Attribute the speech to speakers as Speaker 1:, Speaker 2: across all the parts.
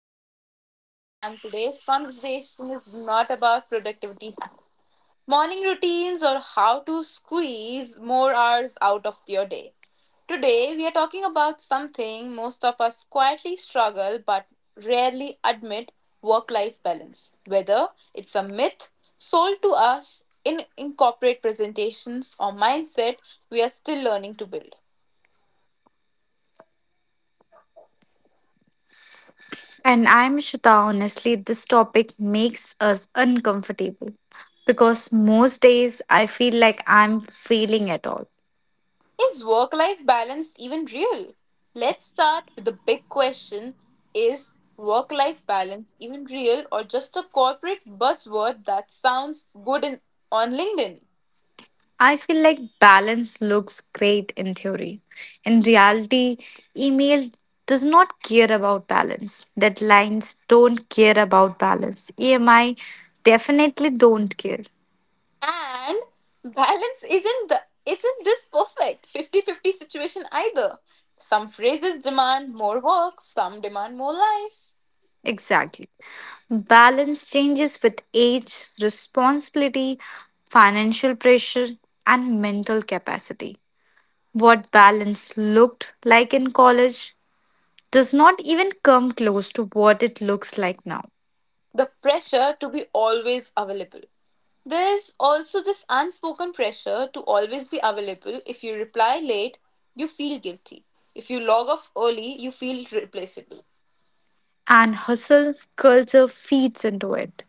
Speaker 1: I am Samriddhi, and today's conversation is not about productivity hacks, morning routines, or how to squeeze more hours out of your day. Today, we are talking about something most of us quietly struggle but rarely admit. Work life balance. Whether it's a myth sold to us in corporate presentations or mindset we are still learning to build.
Speaker 2: And I'm Shita, honestly, this topic makes us uncomfortable because most days I feel like I'm failing at all.
Speaker 1: Is work life balance even real? Let's start with the big question. Is work life balance even real or just a corporate buzzword that sounds good on LinkedIn?
Speaker 2: I feel like balance looks great in theory. In reality, email does not care about balance. Deadlines don't care about balance. EMI definitely don't care.
Speaker 1: And balance isn't the isn't this perfect fifty-fifty situation either. Some phrases demand more work, some demand more life.
Speaker 2: Exactly. Balance changes with age, responsibility, financial pressure, and mental capacity. What balance looked like in college does not even come close to what it looks like now.
Speaker 1: The pressure to be always available. There's also this unspoken pressure to always be available. If you reply late, you feel guilty. If you log off early, you feel replaceable.
Speaker 2: And hustle culture feeds into it.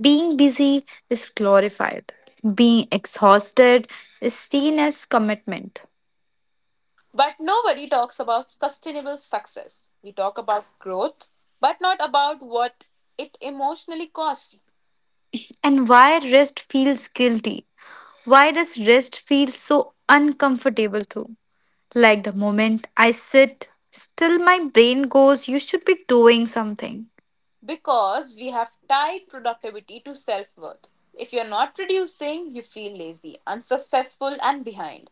Speaker 2: Being busy is glorified, being exhausted is seen as commitment.
Speaker 1: But nobody talks about sustainable success. We talk about growth, but not about what it emotionally costs,
Speaker 2: And why rest feels guilty? Why does rest feel so uncomfortable too? Like the moment I sit, still my brain goes, you should be doing something.
Speaker 1: because we have tied productivity to self worth. If you're not producing, you feel lazy, unsuccessful, and behind.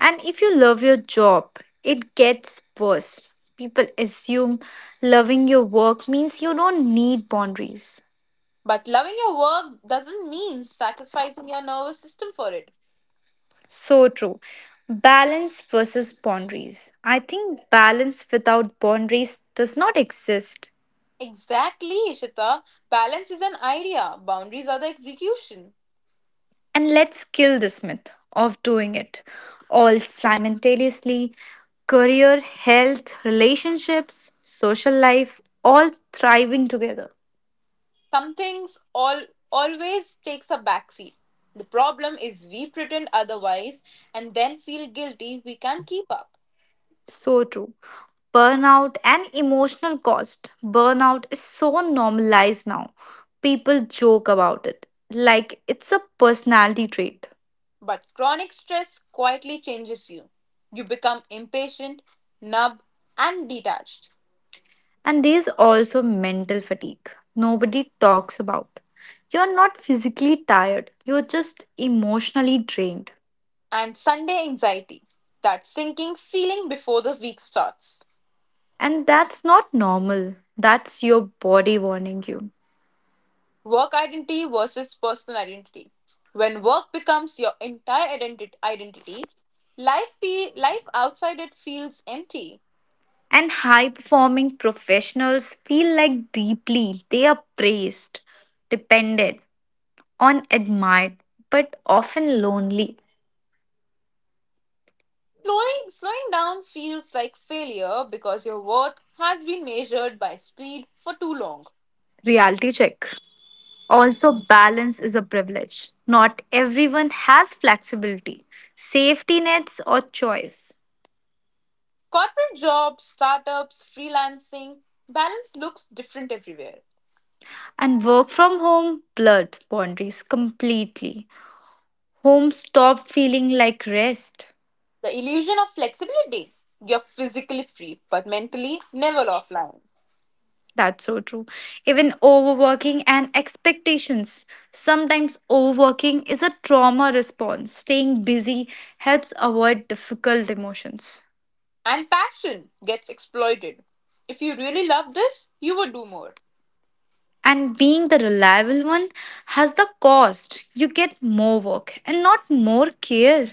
Speaker 2: And if you love your job, it gets worse. People assume loving your work means you don't need boundaries.
Speaker 1: But loving your work doesn't mean sacrificing your nervous system for it.
Speaker 2: So true. Balance versus boundaries. I think balance without boundaries does not exist.
Speaker 1: Exactly, Ishita. Balance is an idea. Boundaries are the execution.
Speaker 2: And let's kill this myth of doing it all simultaneously. Career, health, relationships, social life, all thriving together.
Speaker 1: Some things all always takes a backseat. The problem is we pretend otherwise and then feel guilty we can't keep up.
Speaker 2: So true. Burnout and emotional cost. Burnout is so normalized now. People joke about it like it's a personality trait.
Speaker 1: But chronic stress quietly changes you. You become impatient, numb, and detached.
Speaker 2: And there's also mental fatigue. Nobody talks about. You're not physically tired, you're just emotionally drained.
Speaker 1: And Sunday anxiety, that sinking feeling before the week starts.
Speaker 2: And that's not normal. That's your body warning you.
Speaker 1: Work identity versus personal identity. When work becomes your entire identity, life outside it feels empty.
Speaker 2: And high performing professionals feel like deeply they are praised, depended on, admired, but often lonely.
Speaker 1: Slowing down feels like failure because your worth has been measured by speed for too long.
Speaker 2: Reality check. Also, balance is a privilege. Not everyone has flexibility, safety nets, or choice.
Speaker 1: Corporate jobs, startups, freelancing, balance looks different everywhere.
Speaker 2: And work from home blurred boundaries completely. Home stopped feeling like rest.
Speaker 1: The illusion of flexibility. You're physically free but mentally never offline.
Speaker 2: That's so true. Even overworking and expectations. Sometimes overworking is a trauma response. Staying busy helps avoid difficult emotions.
Speaker 1: And passion gets exploited. If you really love this, you would do more.
Speaker 2: And being the reliable one has the cost. You get more work and not more care.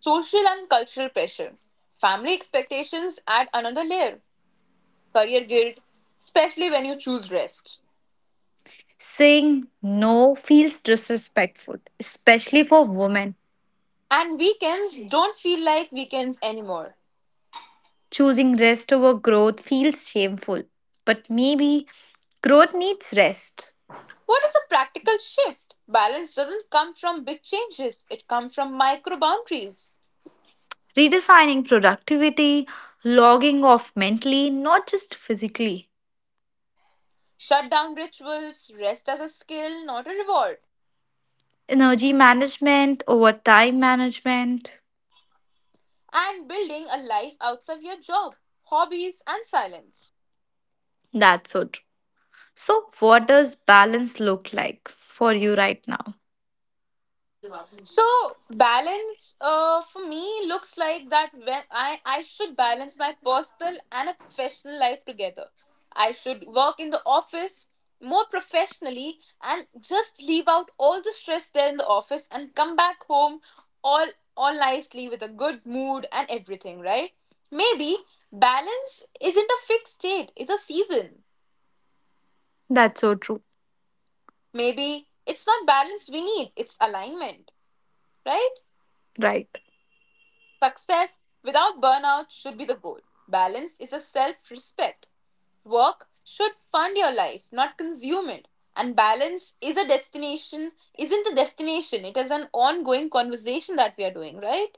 Speaker 1: Social and cultural pressure. Family expectations add another layer. Career guilt, especially when you choose rest.
Speaker 2: Saying no feels disrespectful, especially for women.
Speaker 1: And weekends don't feel like weekends anymore.
Speaker 2: Choosing rest over growth feels shameful. But maybe growth needs rest.
Speaker 1: What is a practical shift? Balance doesn't come from big changes, it comes from micro boundaries.
Speaker 2: Redefining productivity, logging off mentally, not just physically.
Speaker 1: Shut down rituals, rest as a skill, not a reward.
Speaker 2: Energy management over time management.
Speaker 1: And building a life outside your job, hobbies, and silence.
Speaker 2: That's so true. So, what does balance look like for you right now?
Speaker 1: So balance for me looks like that when I should balance my personal and a professional life together. I should work in the office more professionally and just leave out all the stress there in the office and come back home all all nicely with a good mood and everything, right? Maybe balance isn't a fixed state, it's a season.
Speaker 2: That's so true.
Speaker 1: Maybe it's not balance we need, it's alignment, right?
Speaker 2: Right.
Speaker 1: Success without burnout should be the goal. Balance is a self respect. Work should fund your life, not consume it. And balance isn't the destination. It is an ongoing conversation that we are doing, right?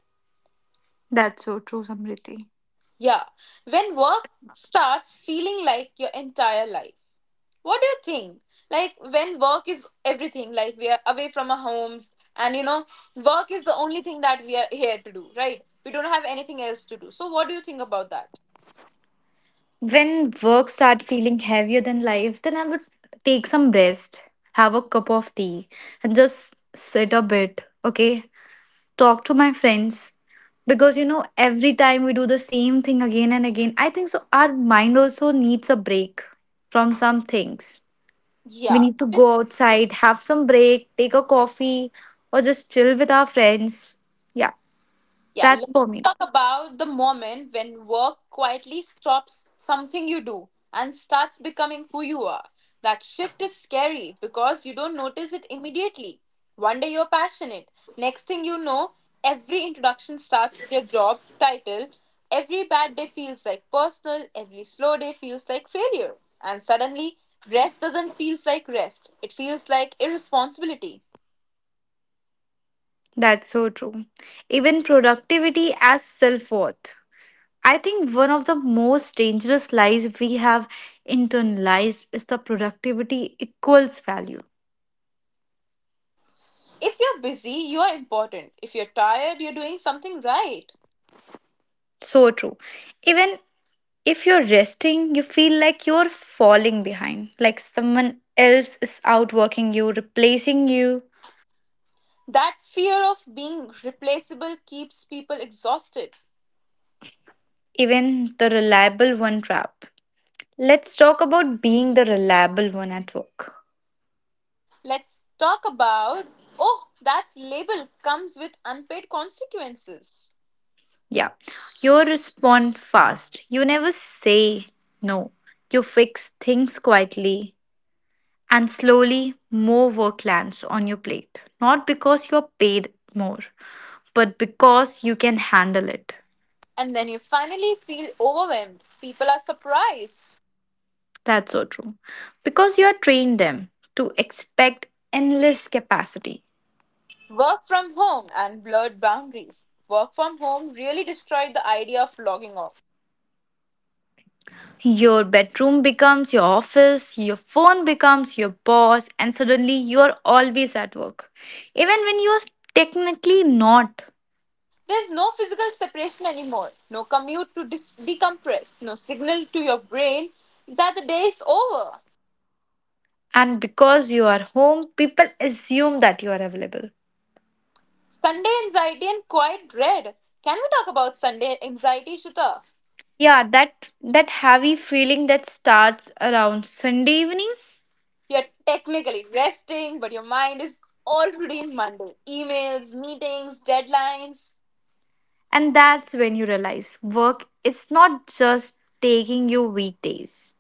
Speaker 2: That's so true, Samriti.
Speaker 1: Yeah. When work starts feeling like your entire life, what do you think? Like when work is everything, like we are away from our homes, and work is the only thing that we are here to do, right? We don't have anything else to do. So, what do you think about that?
Speaker 2: When work start feeling heavier than life, then I would take some rest, have a cup of tea, and just sit a bit. Okay, talk to my friends because you know every time we do the same thing again and again, I think so our mind also needs a break from some things. We
Speaker 1: Yeah.
Speaker 2: need to go outside, have some break, take a coffee or just chill with our friends. Yeah,
Speaker 1: Yeah,
Speaker 2: that's for
Speaker 1: let's
Speaker 2: me.
Speaker 1: talk about the moment when work quietly stops something you do and starts becoming who you are. That shift is scary because you don't notice it immediately. One day you're passionate. Next thing you know, every introduction starts with your job title. Every bad day feels like personal. Every slow day feels like failure. And suddenly, rest doesn't feel like rest. It feels like irresponsibility.
Speaker 2: That's so true. Even productivity as self-worth, I think one of the most dangerous lies we have internalized is the productivity equals value.
Speaker 1: If you're busy, you're important. If you're tired, you're doing something right.
Speaker 2: So true. Even if you're resting, you feel like you're falling behind, like someone else is outworking you, replacing you,
Speaker 1: That fear of being replaceable keeps people exhausted.
Speaker 2: even the reliable one trap. Let's talk about being the reliable one at work.
Speaker 1: Let's talk about oh, that label comes with unpaid consequences.
Speaker 2: Yeah, you respond fast. You never say no. You fix things quietly and slowly more work lands on your plate. Not because you're paid more, but because you can handle it.
Speaker 1: And then you finally feel overwhelmed. People are surprised.
Speaker 2: That's so true. Because you are trained them to expect endless capacity.
Speaker 1: Work from home and blurred boundaries. Work from home really destroyed the idea of logging off.
Speaker 2: Your bedroom becomes your office, your phone becomes your boss, and suddenly you are always at work. Even when you are technically not.
Speaker 1: There's no physical separation anymore, no commute to decompress, no signal to your brain that the day is over.
Speaker 2: And because you are home, people assume that you are available.
Speaker 1: Sunday anxiety and quiet dread. Can we talk about Sunday anxiety, Shuta?
Speaker 2: Yeah, that heavy feeling that starts around Sunday evening,
Speaker 1: You're technically resting, but your mind is already in Monday. Emails, meetings, deadlines.
Speaker 2: and that's when you realize work is not just taking you weekdays.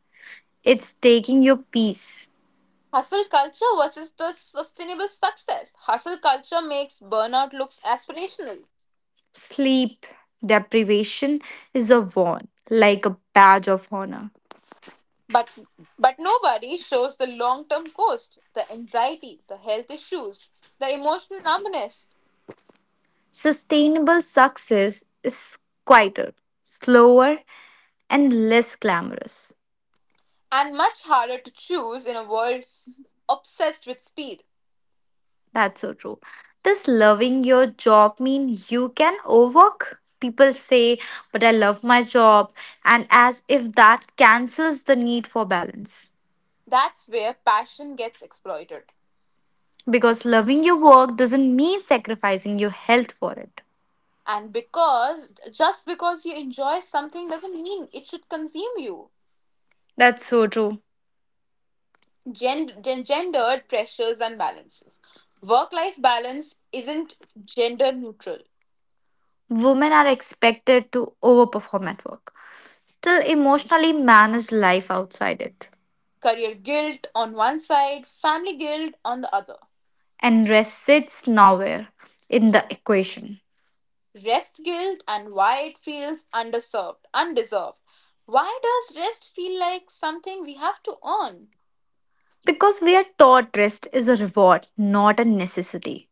Speaker 2: It's taking your peace.
Speaker 1: Hustle culture versus the sustainable success. Hustle culture makes burnout looks aspirational.
Speaker 2: Sleep deprivation is a warn, like a badge of honor.
Speaker 1: But but nobody shows the long-term cost, the anxiety, the health issues, the emotional numbness,
Speaker 2: Sustainable success is quieter, slower, and less glamorous.
Speaker 1: and much harder to choose in a world obsessed with speed.
Speaker 2: That's so true. Does loving your job mean you can overwork? People say, but I love my job, and as if that cancels the need for balance.
Speaker 1: That's where passion gets exploited.
Speaker 2: Because loving your work doesn't mean sacrificing your health for it.
Speaker 1: And because just because you enjoy something doesn't mean it should consume you.
Speaker 2: That's so true.
Speaker 1: Gendered pressures and balances. Work life balance isn't gender neutral.
Speaker 2: Women are expected to overperform at work, still emotionally manage life outside it.
Speaker 1: Career guilt on one side, family guilt on the other.
Speaker 2: And rest sits nowhere in the equation
Speaker 1: Rest guilt and why it feels underserved, undeserved. Why does rest feel like something we have to earn?
Speaker 2: because we are taught rest is a reward, not a necessity.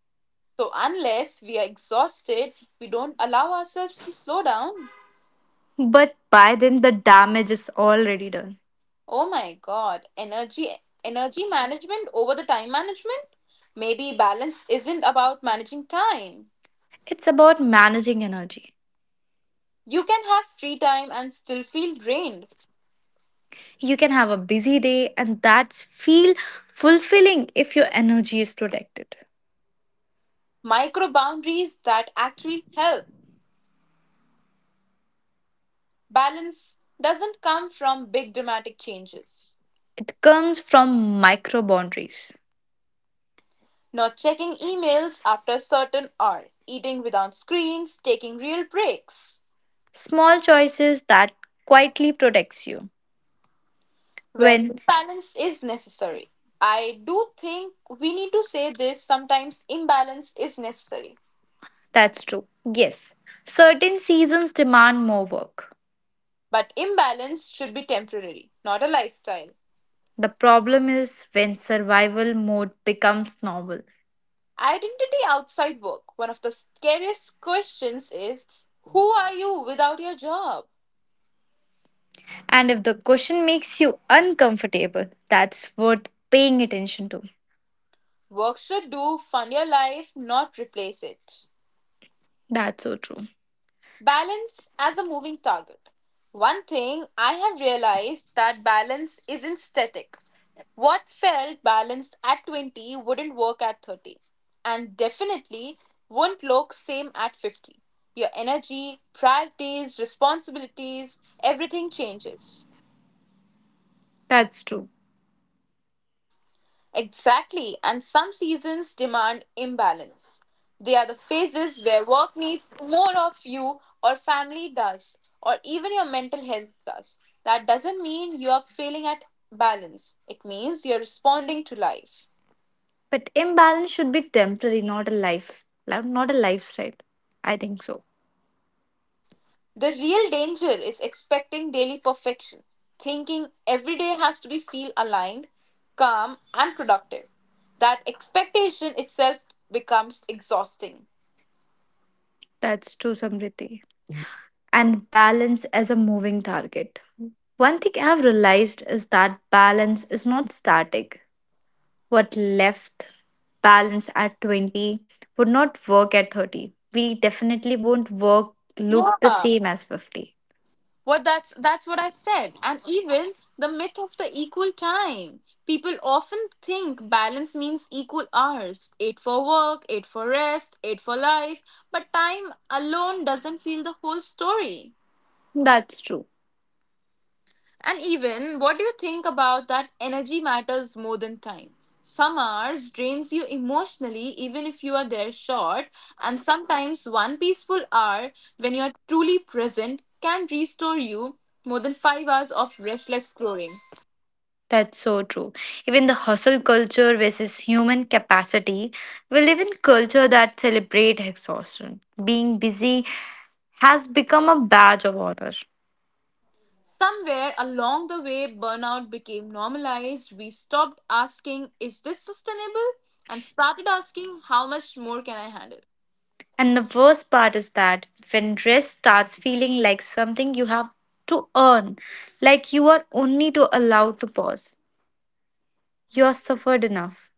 Speaker 1: So, unless we are exhausted, we don't allow ourselves to slow down.
Speaker 2: But by then, the damage is already done.
Speaker 1: Oh my god, energy management over the time management? Maybe balance isn't about managing time.
Speaker 2: It's about managing energy.
Speaker 1: You can have free time and still feel drained.
Speaker 2: You can have a busy day, and that's feel fulfilling if your energy is protected.
Speaker 1: Micro boundaries that actually help. Balance doesn't come from big dramatic changes.
Speaker 2: It comes from micro boundaries.
Speaker 1: Not checking emails after a certain hour, eating without screens, taking real breaks
Speaker 2: Small choices that quietly protects you.
Speaker 1: when
Speaker 2: When
Speaker 1: balance is necessary. I do think we need to say this. Sometimes imbalance is necessary.
Speaker 2: that's true. Yes. Certain seasons demand more work.
Speaker 1: But imbalance should be temporary, not a lifestyle.
Speaker 2: The problem is when survival mode becomes normal.
Speaker 1: Identity outside work. One of the scariest questions is who are you without your job?
Speaker 2: And if the question makes you uncomfortable, that's worth paying attention to.
Speaker 1: Work should fund your life, not replace it.
Speaker 2: That's so true.
Speaker 1: Balance as a moving target. One thing I have realized that balance isn't static. What felt balanced at 20 wouldn't work at 30 and definitely won't look same at 50. Your energy, priorities, responsibilities, everything changes.
Speaker 2: That's true.
Speaker 1: Exactly, and some seasons demand imbalance. They are the phases where work needs more of you, or family does, or even your mental health does. That doesn't mean you are failing at balance, it means you're responding to life.
Speaker 2: But imbalance should be temporary, not a life. Not a lifestyle. I think so.
Speaker 1: The real danger is expecting daily perfection, thinking every day has to be feel aligned, calm, and productive. That expectation itself becomes exhausting.
Speaker 2: That's true, Samriti. And balance as a moving target. One thing I've realized is that balance is not static. What left balance at 20 would not work at 30. We definitely won't work look the
Speaker 1: Yeah.
Speaker 2: same as 50.
Speaker 1: What that's what I said. And even the myth of the equal time. People often think balance means equal hours, 8 for work, 8 for rest, 8 for life, but time alone doesn't feel the whole story.
Speaker 2: That's true.
Speaker 1: And even what do you think about that energy matters more than time? Some hours drains you emotionally even if you are there short, and sometimes one peaceful hour when you are truly present can restore you more than 5 hours of restless scrolling.
Speaker 2: That's so true. Even the hustle culture versus human capacity, we live in culture that celebrate exhaustion. Being busy has become a badge of honor.
Speaker 1: Somewhere along the way, burnout became normalized. We stopped asking, is this sustainable? And started asking, how much more can I handle?
Speaker 2: And the worst part is that when rest starts feeling like something you have to earn, like you are only to allow to pause, you are suffered enough.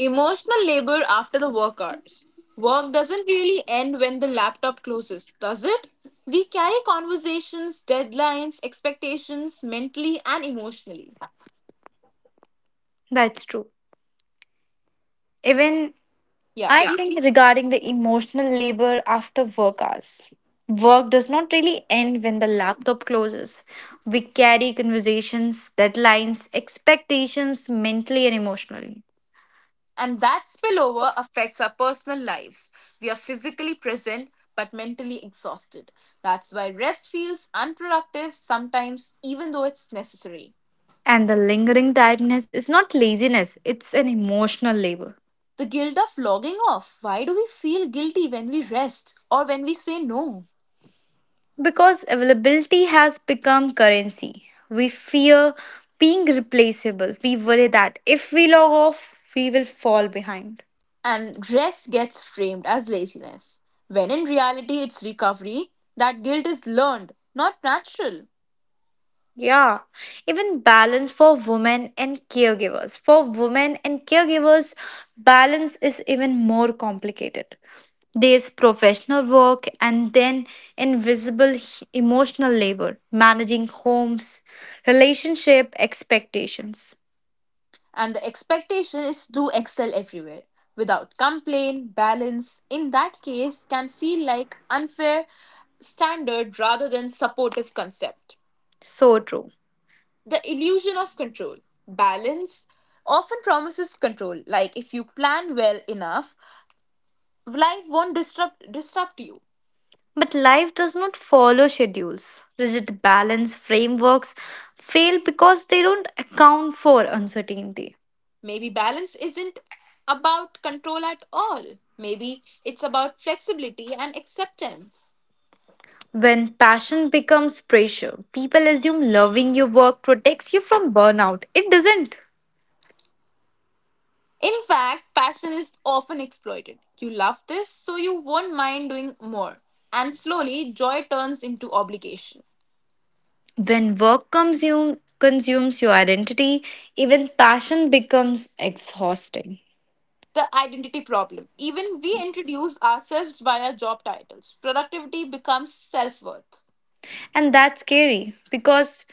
Speaker 1: Emotional labor after the work hours. Work doesn't really end when the laptop closes, does it? We carry conversations, deadlines, expectations mentally and emotionally.
Speaker 2: That's true. Even
Speaker 1: Yeah,
Speaker 2: I Yeah.
Speaker 1: please.
Speaker 2: think regarding the emotional labor after work hours, work does not really end when the laptop closes. We carry conversations, deadlines, expectations mentally and emotionally.
Speaker 1: And that spillover affects our personal lives. We are physically present but mentally exhausted. That's why rest feels unproductive sometimes, even though it's necessary.
Speaker 2: And the lingering tiredness is not laziness, it's an emotional labor.
Speaker 1: The guilt of logging off. Why do we feel guilty when we rest or when we say no?
Speaker 2: Because availability has become currency. We fear being replaceable. We worry that if we log off, we will fall behind.
Speaker 1: And rest gets framed as laziness. When in reality, it's recovery. That guilt is learned, not natural.
Speaker 2: Yeah, even balance for women and caregivers. For women and caregivers, balance is even more complicated. There's professional work and then invisible emotional labor, managing homes, relationship expectations.
Speaker 1: And the expectation is to excel everywhere. Without complaint, balance, in that case, can feel like unfair standard rather than supportive concept.
Speaker 2: So true.
Speaker 1: The illusion of control. Balance often promises control, like if you plan well enough, life won't disrupt you.
Speaker 2: But life does not follow schedules. Rigid balance frameworks fail because they don't account for uncertainty.
Speaker 1: Maybe balance isn't about control at all. Maybe it's about flexibility and acceptance.
Speaker 2: When passion becomes pressure, people assume loving your work protects you from burnout. It doesn't.
Speaker 1: In fact, passion is often exploited. You love this, so you won't mind doing more. And slowly, joy turns into obligation.
Speaker 2: When consumes your identity, even passion becomes exhausting.
Speaker 1: The identity problem. Even we introduce ourselves via job titles. Productivity becomes self worth.
Speaker 2: And that's scary because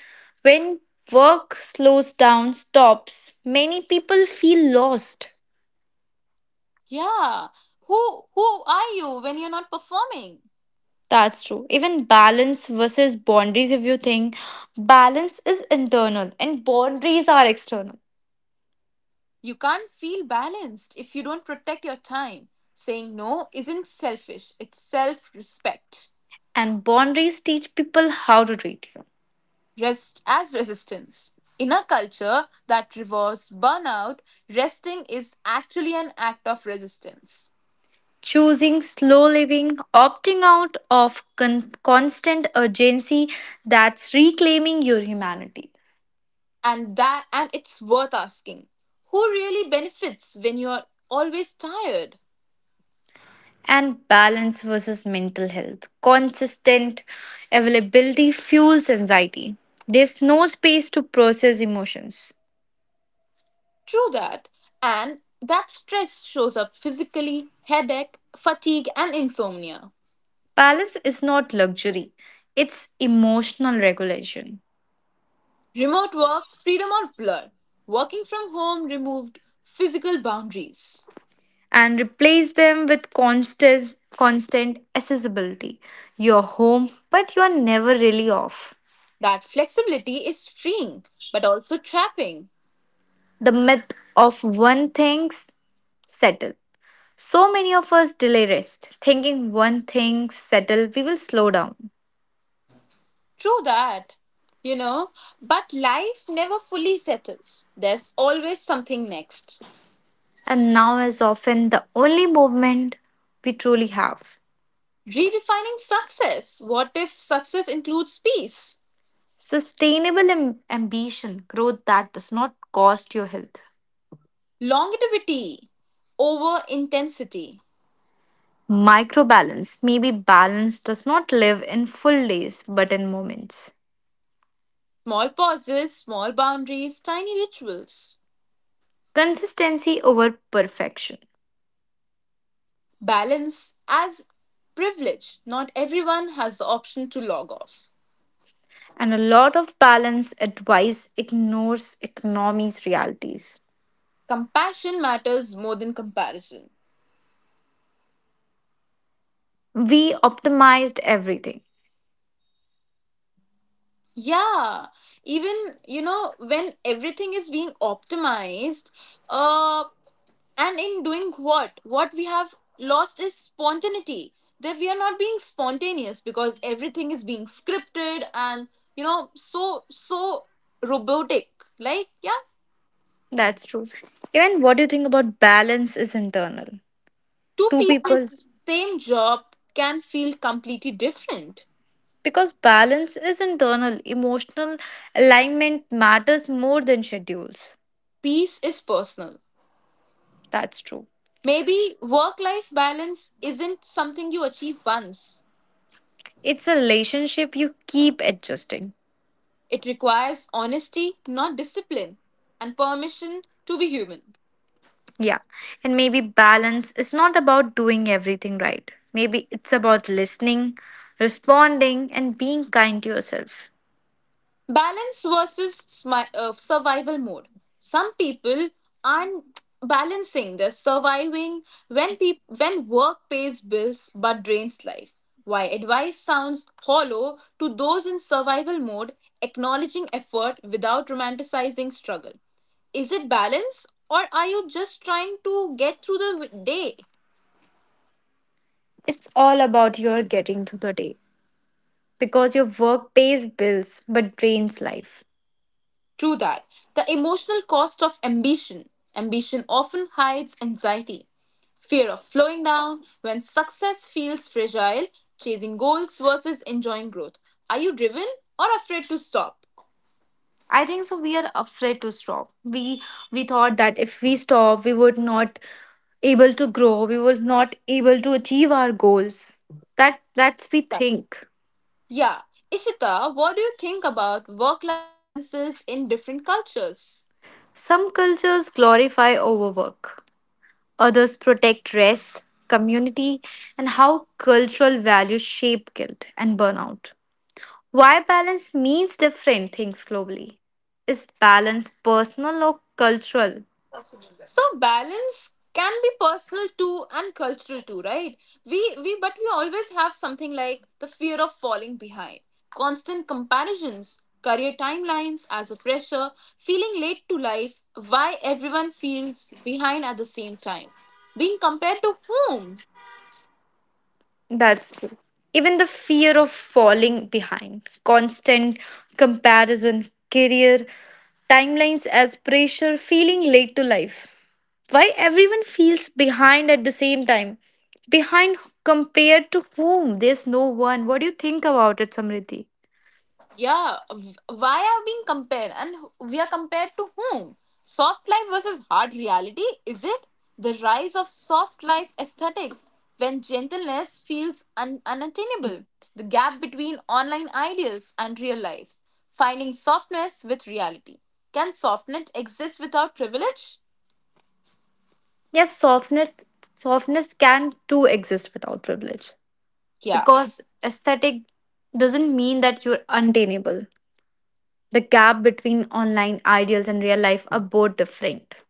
Speaker 2: when work slows down, stops, many people feel lost.
Speaker 1: Yeah. Who are you when you're not performing?
Speaker 2: That's true. Even balance versus boundaries, if you think balance is internal and boundaries are external,
Speaker 1: You can't feel balanced if you don't protect your time. Saying no isn't selfish, it's self respect.
Speaker 2: and boundaries teach people how to treat you.
Speaker 1: Rest as resistance. In a culture that rewards burnout, resting is actually an act of resistance.
Speaker 2: Choosing slow living, opting out of constant urgency, that's reclaiming your humanity.
Speaker 1: And that, and it's worth asking. Who really benefits when you're always tired?
Speaker 2: And balance versus mental health. Consistent availability fuels anxiety. There's no space to process emotions.
Speaker 1: True that. And that stress shows up physically, headache, fatigue, and insomnia.
Speaker 2: Balance is not luxury, it's emotional regulation.
Speaker 1: Remote work, freedom or blur. Working from home removed physical boundaries.
Speaker 2: And replace them with constant accessibility. You're home, but you're never really off.
Speaker 1: That flexibility is freeing, but also trapping.
Speaker 2: The myth of one thing's settle. So many of us delay rest, thinking one thing's settle, we will slow down.
Speaker 1: True that, you know. But life never fully settles. There's always something next.
Speaker 2: And now is often the only movement we truly have.
Speaker 1: Redefining success. What if success includes peace?
Speaker 2: Sustainable ambition, growth that does not cost your health.
Speaker 1: Longevity over intensity.
Speaker 2: Microbalance. Maybe balance does not live in full days but in moments.
Speaker 1: Small pauses, small boundaries, tiny rituals.
Speaker 2: Consistency over perfection.
Speaker 1: Balance as privilege. Not everyone has the option to log off.
Speaker 2: And a lot of balance advice ignores economy's realities.
Speaker 1: Compassion matters more than comparison.
Speaker 2: We optimized everything.
Speaker 1: Yeah, even when everything is being optimized, uh, and in doing what we have lost is spontaneity. That we are not being spontaneous because everything is being scripted and so robotic. Like yeah,
Speaker 2: That's true. Even what you think about balance is internal.
Speaker 1: two
Speaker 2: Two
Speaker 1: people
Speaker 2: people's.
Speaker 1: same job can feel completely different.
Speaker 2: Because balance is internal, emotional alignment matters more than schedules.
Speaker 1: Peace is personal.
Speaker 2: That's true.
Speaker 1: Maybe work life balance isn't something you achieve once.
Speaker 2: It's a relationship you keep adjusting.
Speaker 1: It requires honesty, not discipline, and permission to be human.
Speaker 2: Yeah, and maybe balance is not about doing everything right. Maybe it's about listening, responding, and being kind to yourself.
Speaker 1: Balance versus survival mode. Some people aren't balancing. They're surviving when peop when work pays bills but drains life. Why advice sounds hollow to those in survival mode, acknowledging effort without romanticizing struggle. Is it balance, or are you just trying to get through the day?
Speaker 2: It's all about your getting through the day because your work pays bills but drains life.
Speaker 1: True that. The emotional cost of ambition. Ambition often hides anxiety, fear of slowing down, when success feels fragile, chasing goals versus enjoying growth. Are you driven or afraid to stop?
Speaker 2: I think so. We are afraid to stop. We thought that if we stop, we would not able to grow. We would not able to achieve our goals. That's we think.
Speaker 1: Yeah. Ishita, what do you think about work life balances in different cultures?
Speaker 2: Some cultures glorify overwork others protect rest, community, and how cultural values shape guilt and burnout. Why balance means different things globally. Is balance personal or cultural?
Speaker 1: So balance can be personal too and cultural too, right? We but we always have something like the fear of falling behind, constant comparisons, career timelines as a pressure, feeling late to life, why everyone feels behind at the same time. Being compared to whom?
Speaker 2: That's true. Even the fear of falling behind, constant comparison, career, timelines as pressure, feeling late to life. Why everyone feels behind at the same time? Behind compared to whom? There's no one. What do you think about it, Samriddhi?
Speaker 1: Yeah, why are being compared, and we are compared to whom? Soft life versus hard reality, is it? The rise of soft life aesthetics, when gentleness feels unattainable, the gap between online ideals and real lives, finding softness with reality. Can softness exist without privilege?
Speaker 2: Yes, softness can too exist without privilege.
Speaker 1: Yeah,
Speaker 2: Because aesthetic doesn't mean that you're untainable. The gap between online ideals and real life are both different.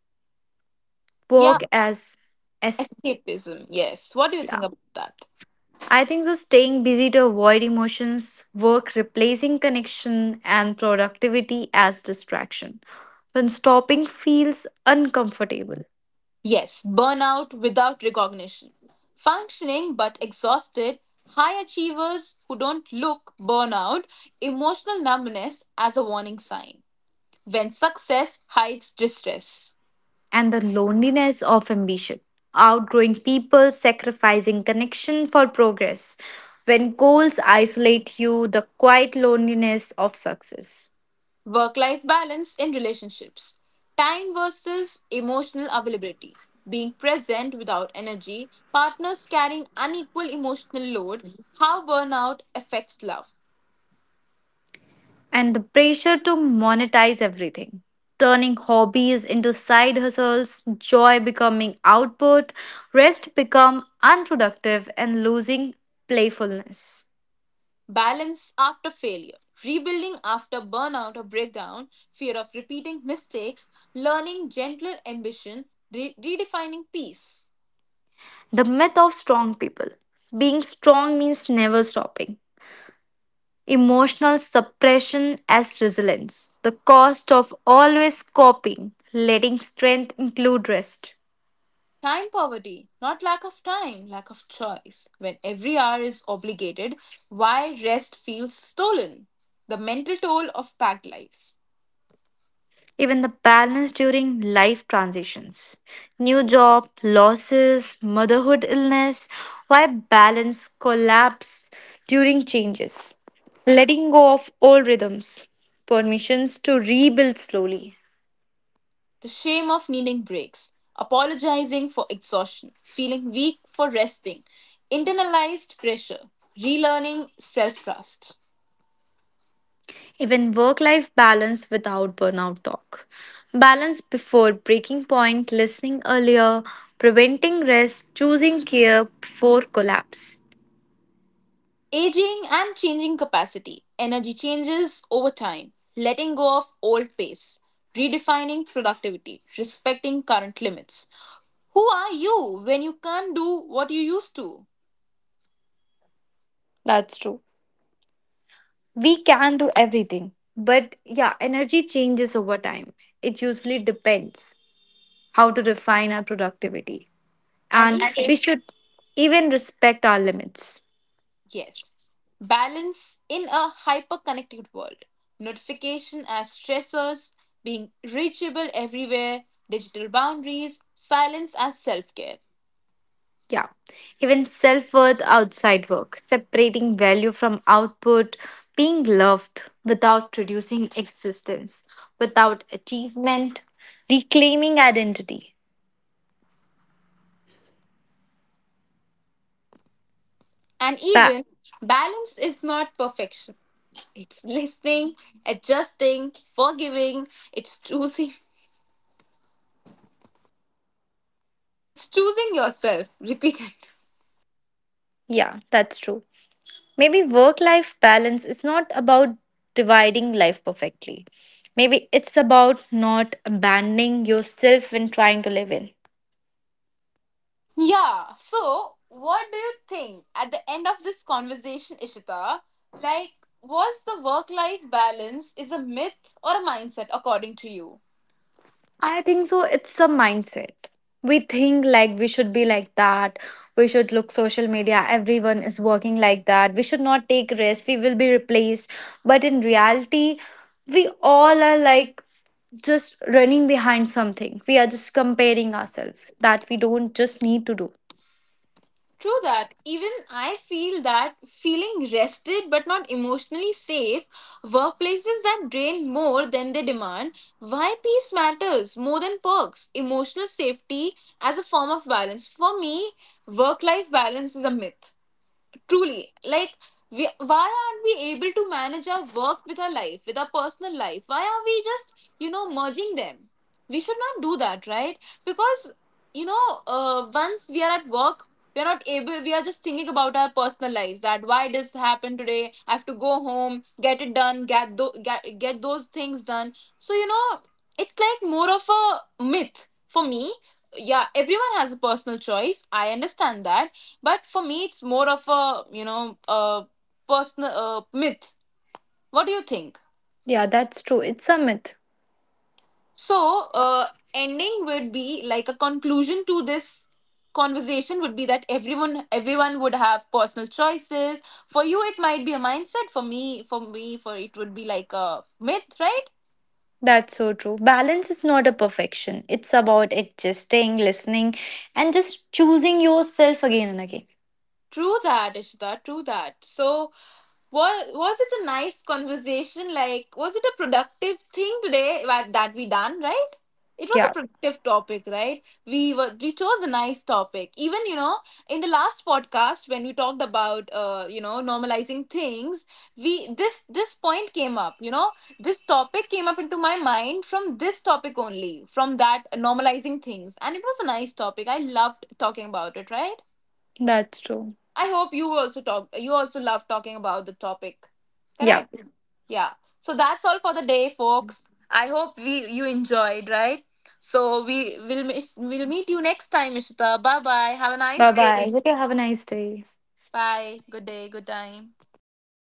Speaker 1: yeah,
Speaker 2: Work as
Speaker 1: escapism, yes. What do you
Speaker 2: yeah,
Speaker 1: think about that?
Speaker 2: I think so staying busy to avoid emotions, work replacing connection and productivity as distraction. When stopping feels uncomfortable
Speaker 1: Yes, burnout without recognition. Functioning but exhausted, high achievers who don't look burnout, emotional numbness as a warning sign. When success hides distress.
Speaker 2: and the loneliness of ambition. Outgrowing people, sacrificing connection for progress. When goals isolate you, the quiet loneliness of success.
Speaker 1: Work life balance in relationships. Time versus emotional availability. Being present without energy, partners carrying unequal emotional load, how burnout affects love.
Speaker 2: And the pressure to monetize everything, turning hobbies into side hustles, joy becoming output, rest become unproductive and losing playfulness.
Speaker 1: Balance after failure, rebuilding after burnout or breakdown, fear of repeating mistakes, learning gentler ambition, redefining peace.
Speaker 2: The myth of strong people. Being strong means never stopping. Emotional suppression as resilience. The cost of always coping, letting strength include rest.
Speaker 1: Time poverty, not lack of time, lack of choice. When every hour is obligated, why rest feels stolen? The mental toll of packed lives,
Speaker 2: Even the balance during life transitions. New job, losses, motherhood illness, why balance collapse during changes. Letting go of old rhythms, permissions to rebuild slowly.
Speaker 1: the shame of needing breaks, apologizing for exhaustion, feeling weak for resting, internalized pressure, relearning self trust.
Speaker 2: Even work life balance without burnout talk. Balance before breaking point, listening earlier, preventing rest, choosing care before collapse.
Speaker 1: Aging and changing capacity. Energy changes over time. Letting go of old pace. Redefining productivity. Respecting current limits. Who are you when you can't do what you used to?
Speaker 2: That's true. We can do everything but yeah energy changes over time, it usually depends how to refine our productivity,
Speaker 1: And
Speaker 2: and
Speaker 1: in,
Speaker 2: we should even respect our limits.
Speaker 1: yes. Balance in a hyper connected world. Notification as stressors. Being reachable everywhere. Digital boundaries. Silence as self care.
Speaker 2: Yeah, even self-worth outside work, separating value from output, being loved without reducing existence without achievement, reclaiming identity.
Speaker 1: And
Speaker 2: That
Speaker 1: even balance is not perfection. It's listening, adjusting, forgiving, it's choosing. It's choosing yourself. Repeat it.
Speaker 2: yeah, that's true. Maybe work life balance is not about dividing life perfectly. Maybe it's about not abandoning yourself when trying to live in.
Speaker 1: Yeah. So, what do you think at the end of this conversation, Ishita? Like, was the work life balance is a myth or a mindset according to you?
Speaker 2: I think so. It's a mindset. We think like we should be like that. We should look social media. Everyone is working like that. We should not take risks. We will be replaced. But in reality, we all are like just running behind something. We are just comparing ourselves that we don't just need to do.
Speaker 1: True that. Even I feel that, feeling rested but not emotionally safe, workplaces that drain more than they demand, why peace matters more than perks. Emotional safety as a form of balance. For me, work life balance is a myth. Truly, like, we, why aren't we able to manage our work with our life, with our personal life? Why are we just, merging them? We should not do that, right? Because, once we are at work, we are not able, we are just thinking about our personal lives, that why this happened today? I have to go home, get it done, get those things done. So, it's like more of a myth for me. Yeah, everyone has a personal choice, I understand that, but for me, it's more of a a personal myth. What do you think?
Speaker 2: Yeah, that's true. It's a myth.
Speaker 1: So, uh, ending would be like a conclusion to this conversation would be that everyone would have personal choices. For you, it might be a mindset. For me, for me, for it would be like a myth, right?
Speaker 2: That's so true. Balance is not a perfection. It's about adjusting, listening, and just choosing yourself again and again.
Speaker 1: True that, Ishita. True that. So, was it a nice conversation? Like, was it a productive thing today that we done? Right? It was a
Speaker 2: Yeah,
Speaker 1: productive topic, right? We chose a nice topic. Even in the last podcast when we talked about you know normalizing things, we this point came up. You know, this topic came up into my mind from this topic only, from that normalizing things, and it was a nice topic. I loved talking about it. Right?
Speaker 2: that's true.
Speaker 1: I hope you also love talking about the topic.
Speaker 2: Yeah.
Speaker 1: Correct? Yeah. So that's all for the day, folks. I hope we you enjoyed, right? So we'll meet you next time, Ishita. Bye bye. Have a
Speaker 2: Bye
Speaker 1: nice
Speaker 2: bye.
Speaker 1: day.
Speaker 2: Okay, have a nice day.
Speaker 1: Bye. Good day, good time.
Speaker 2: Bye bye.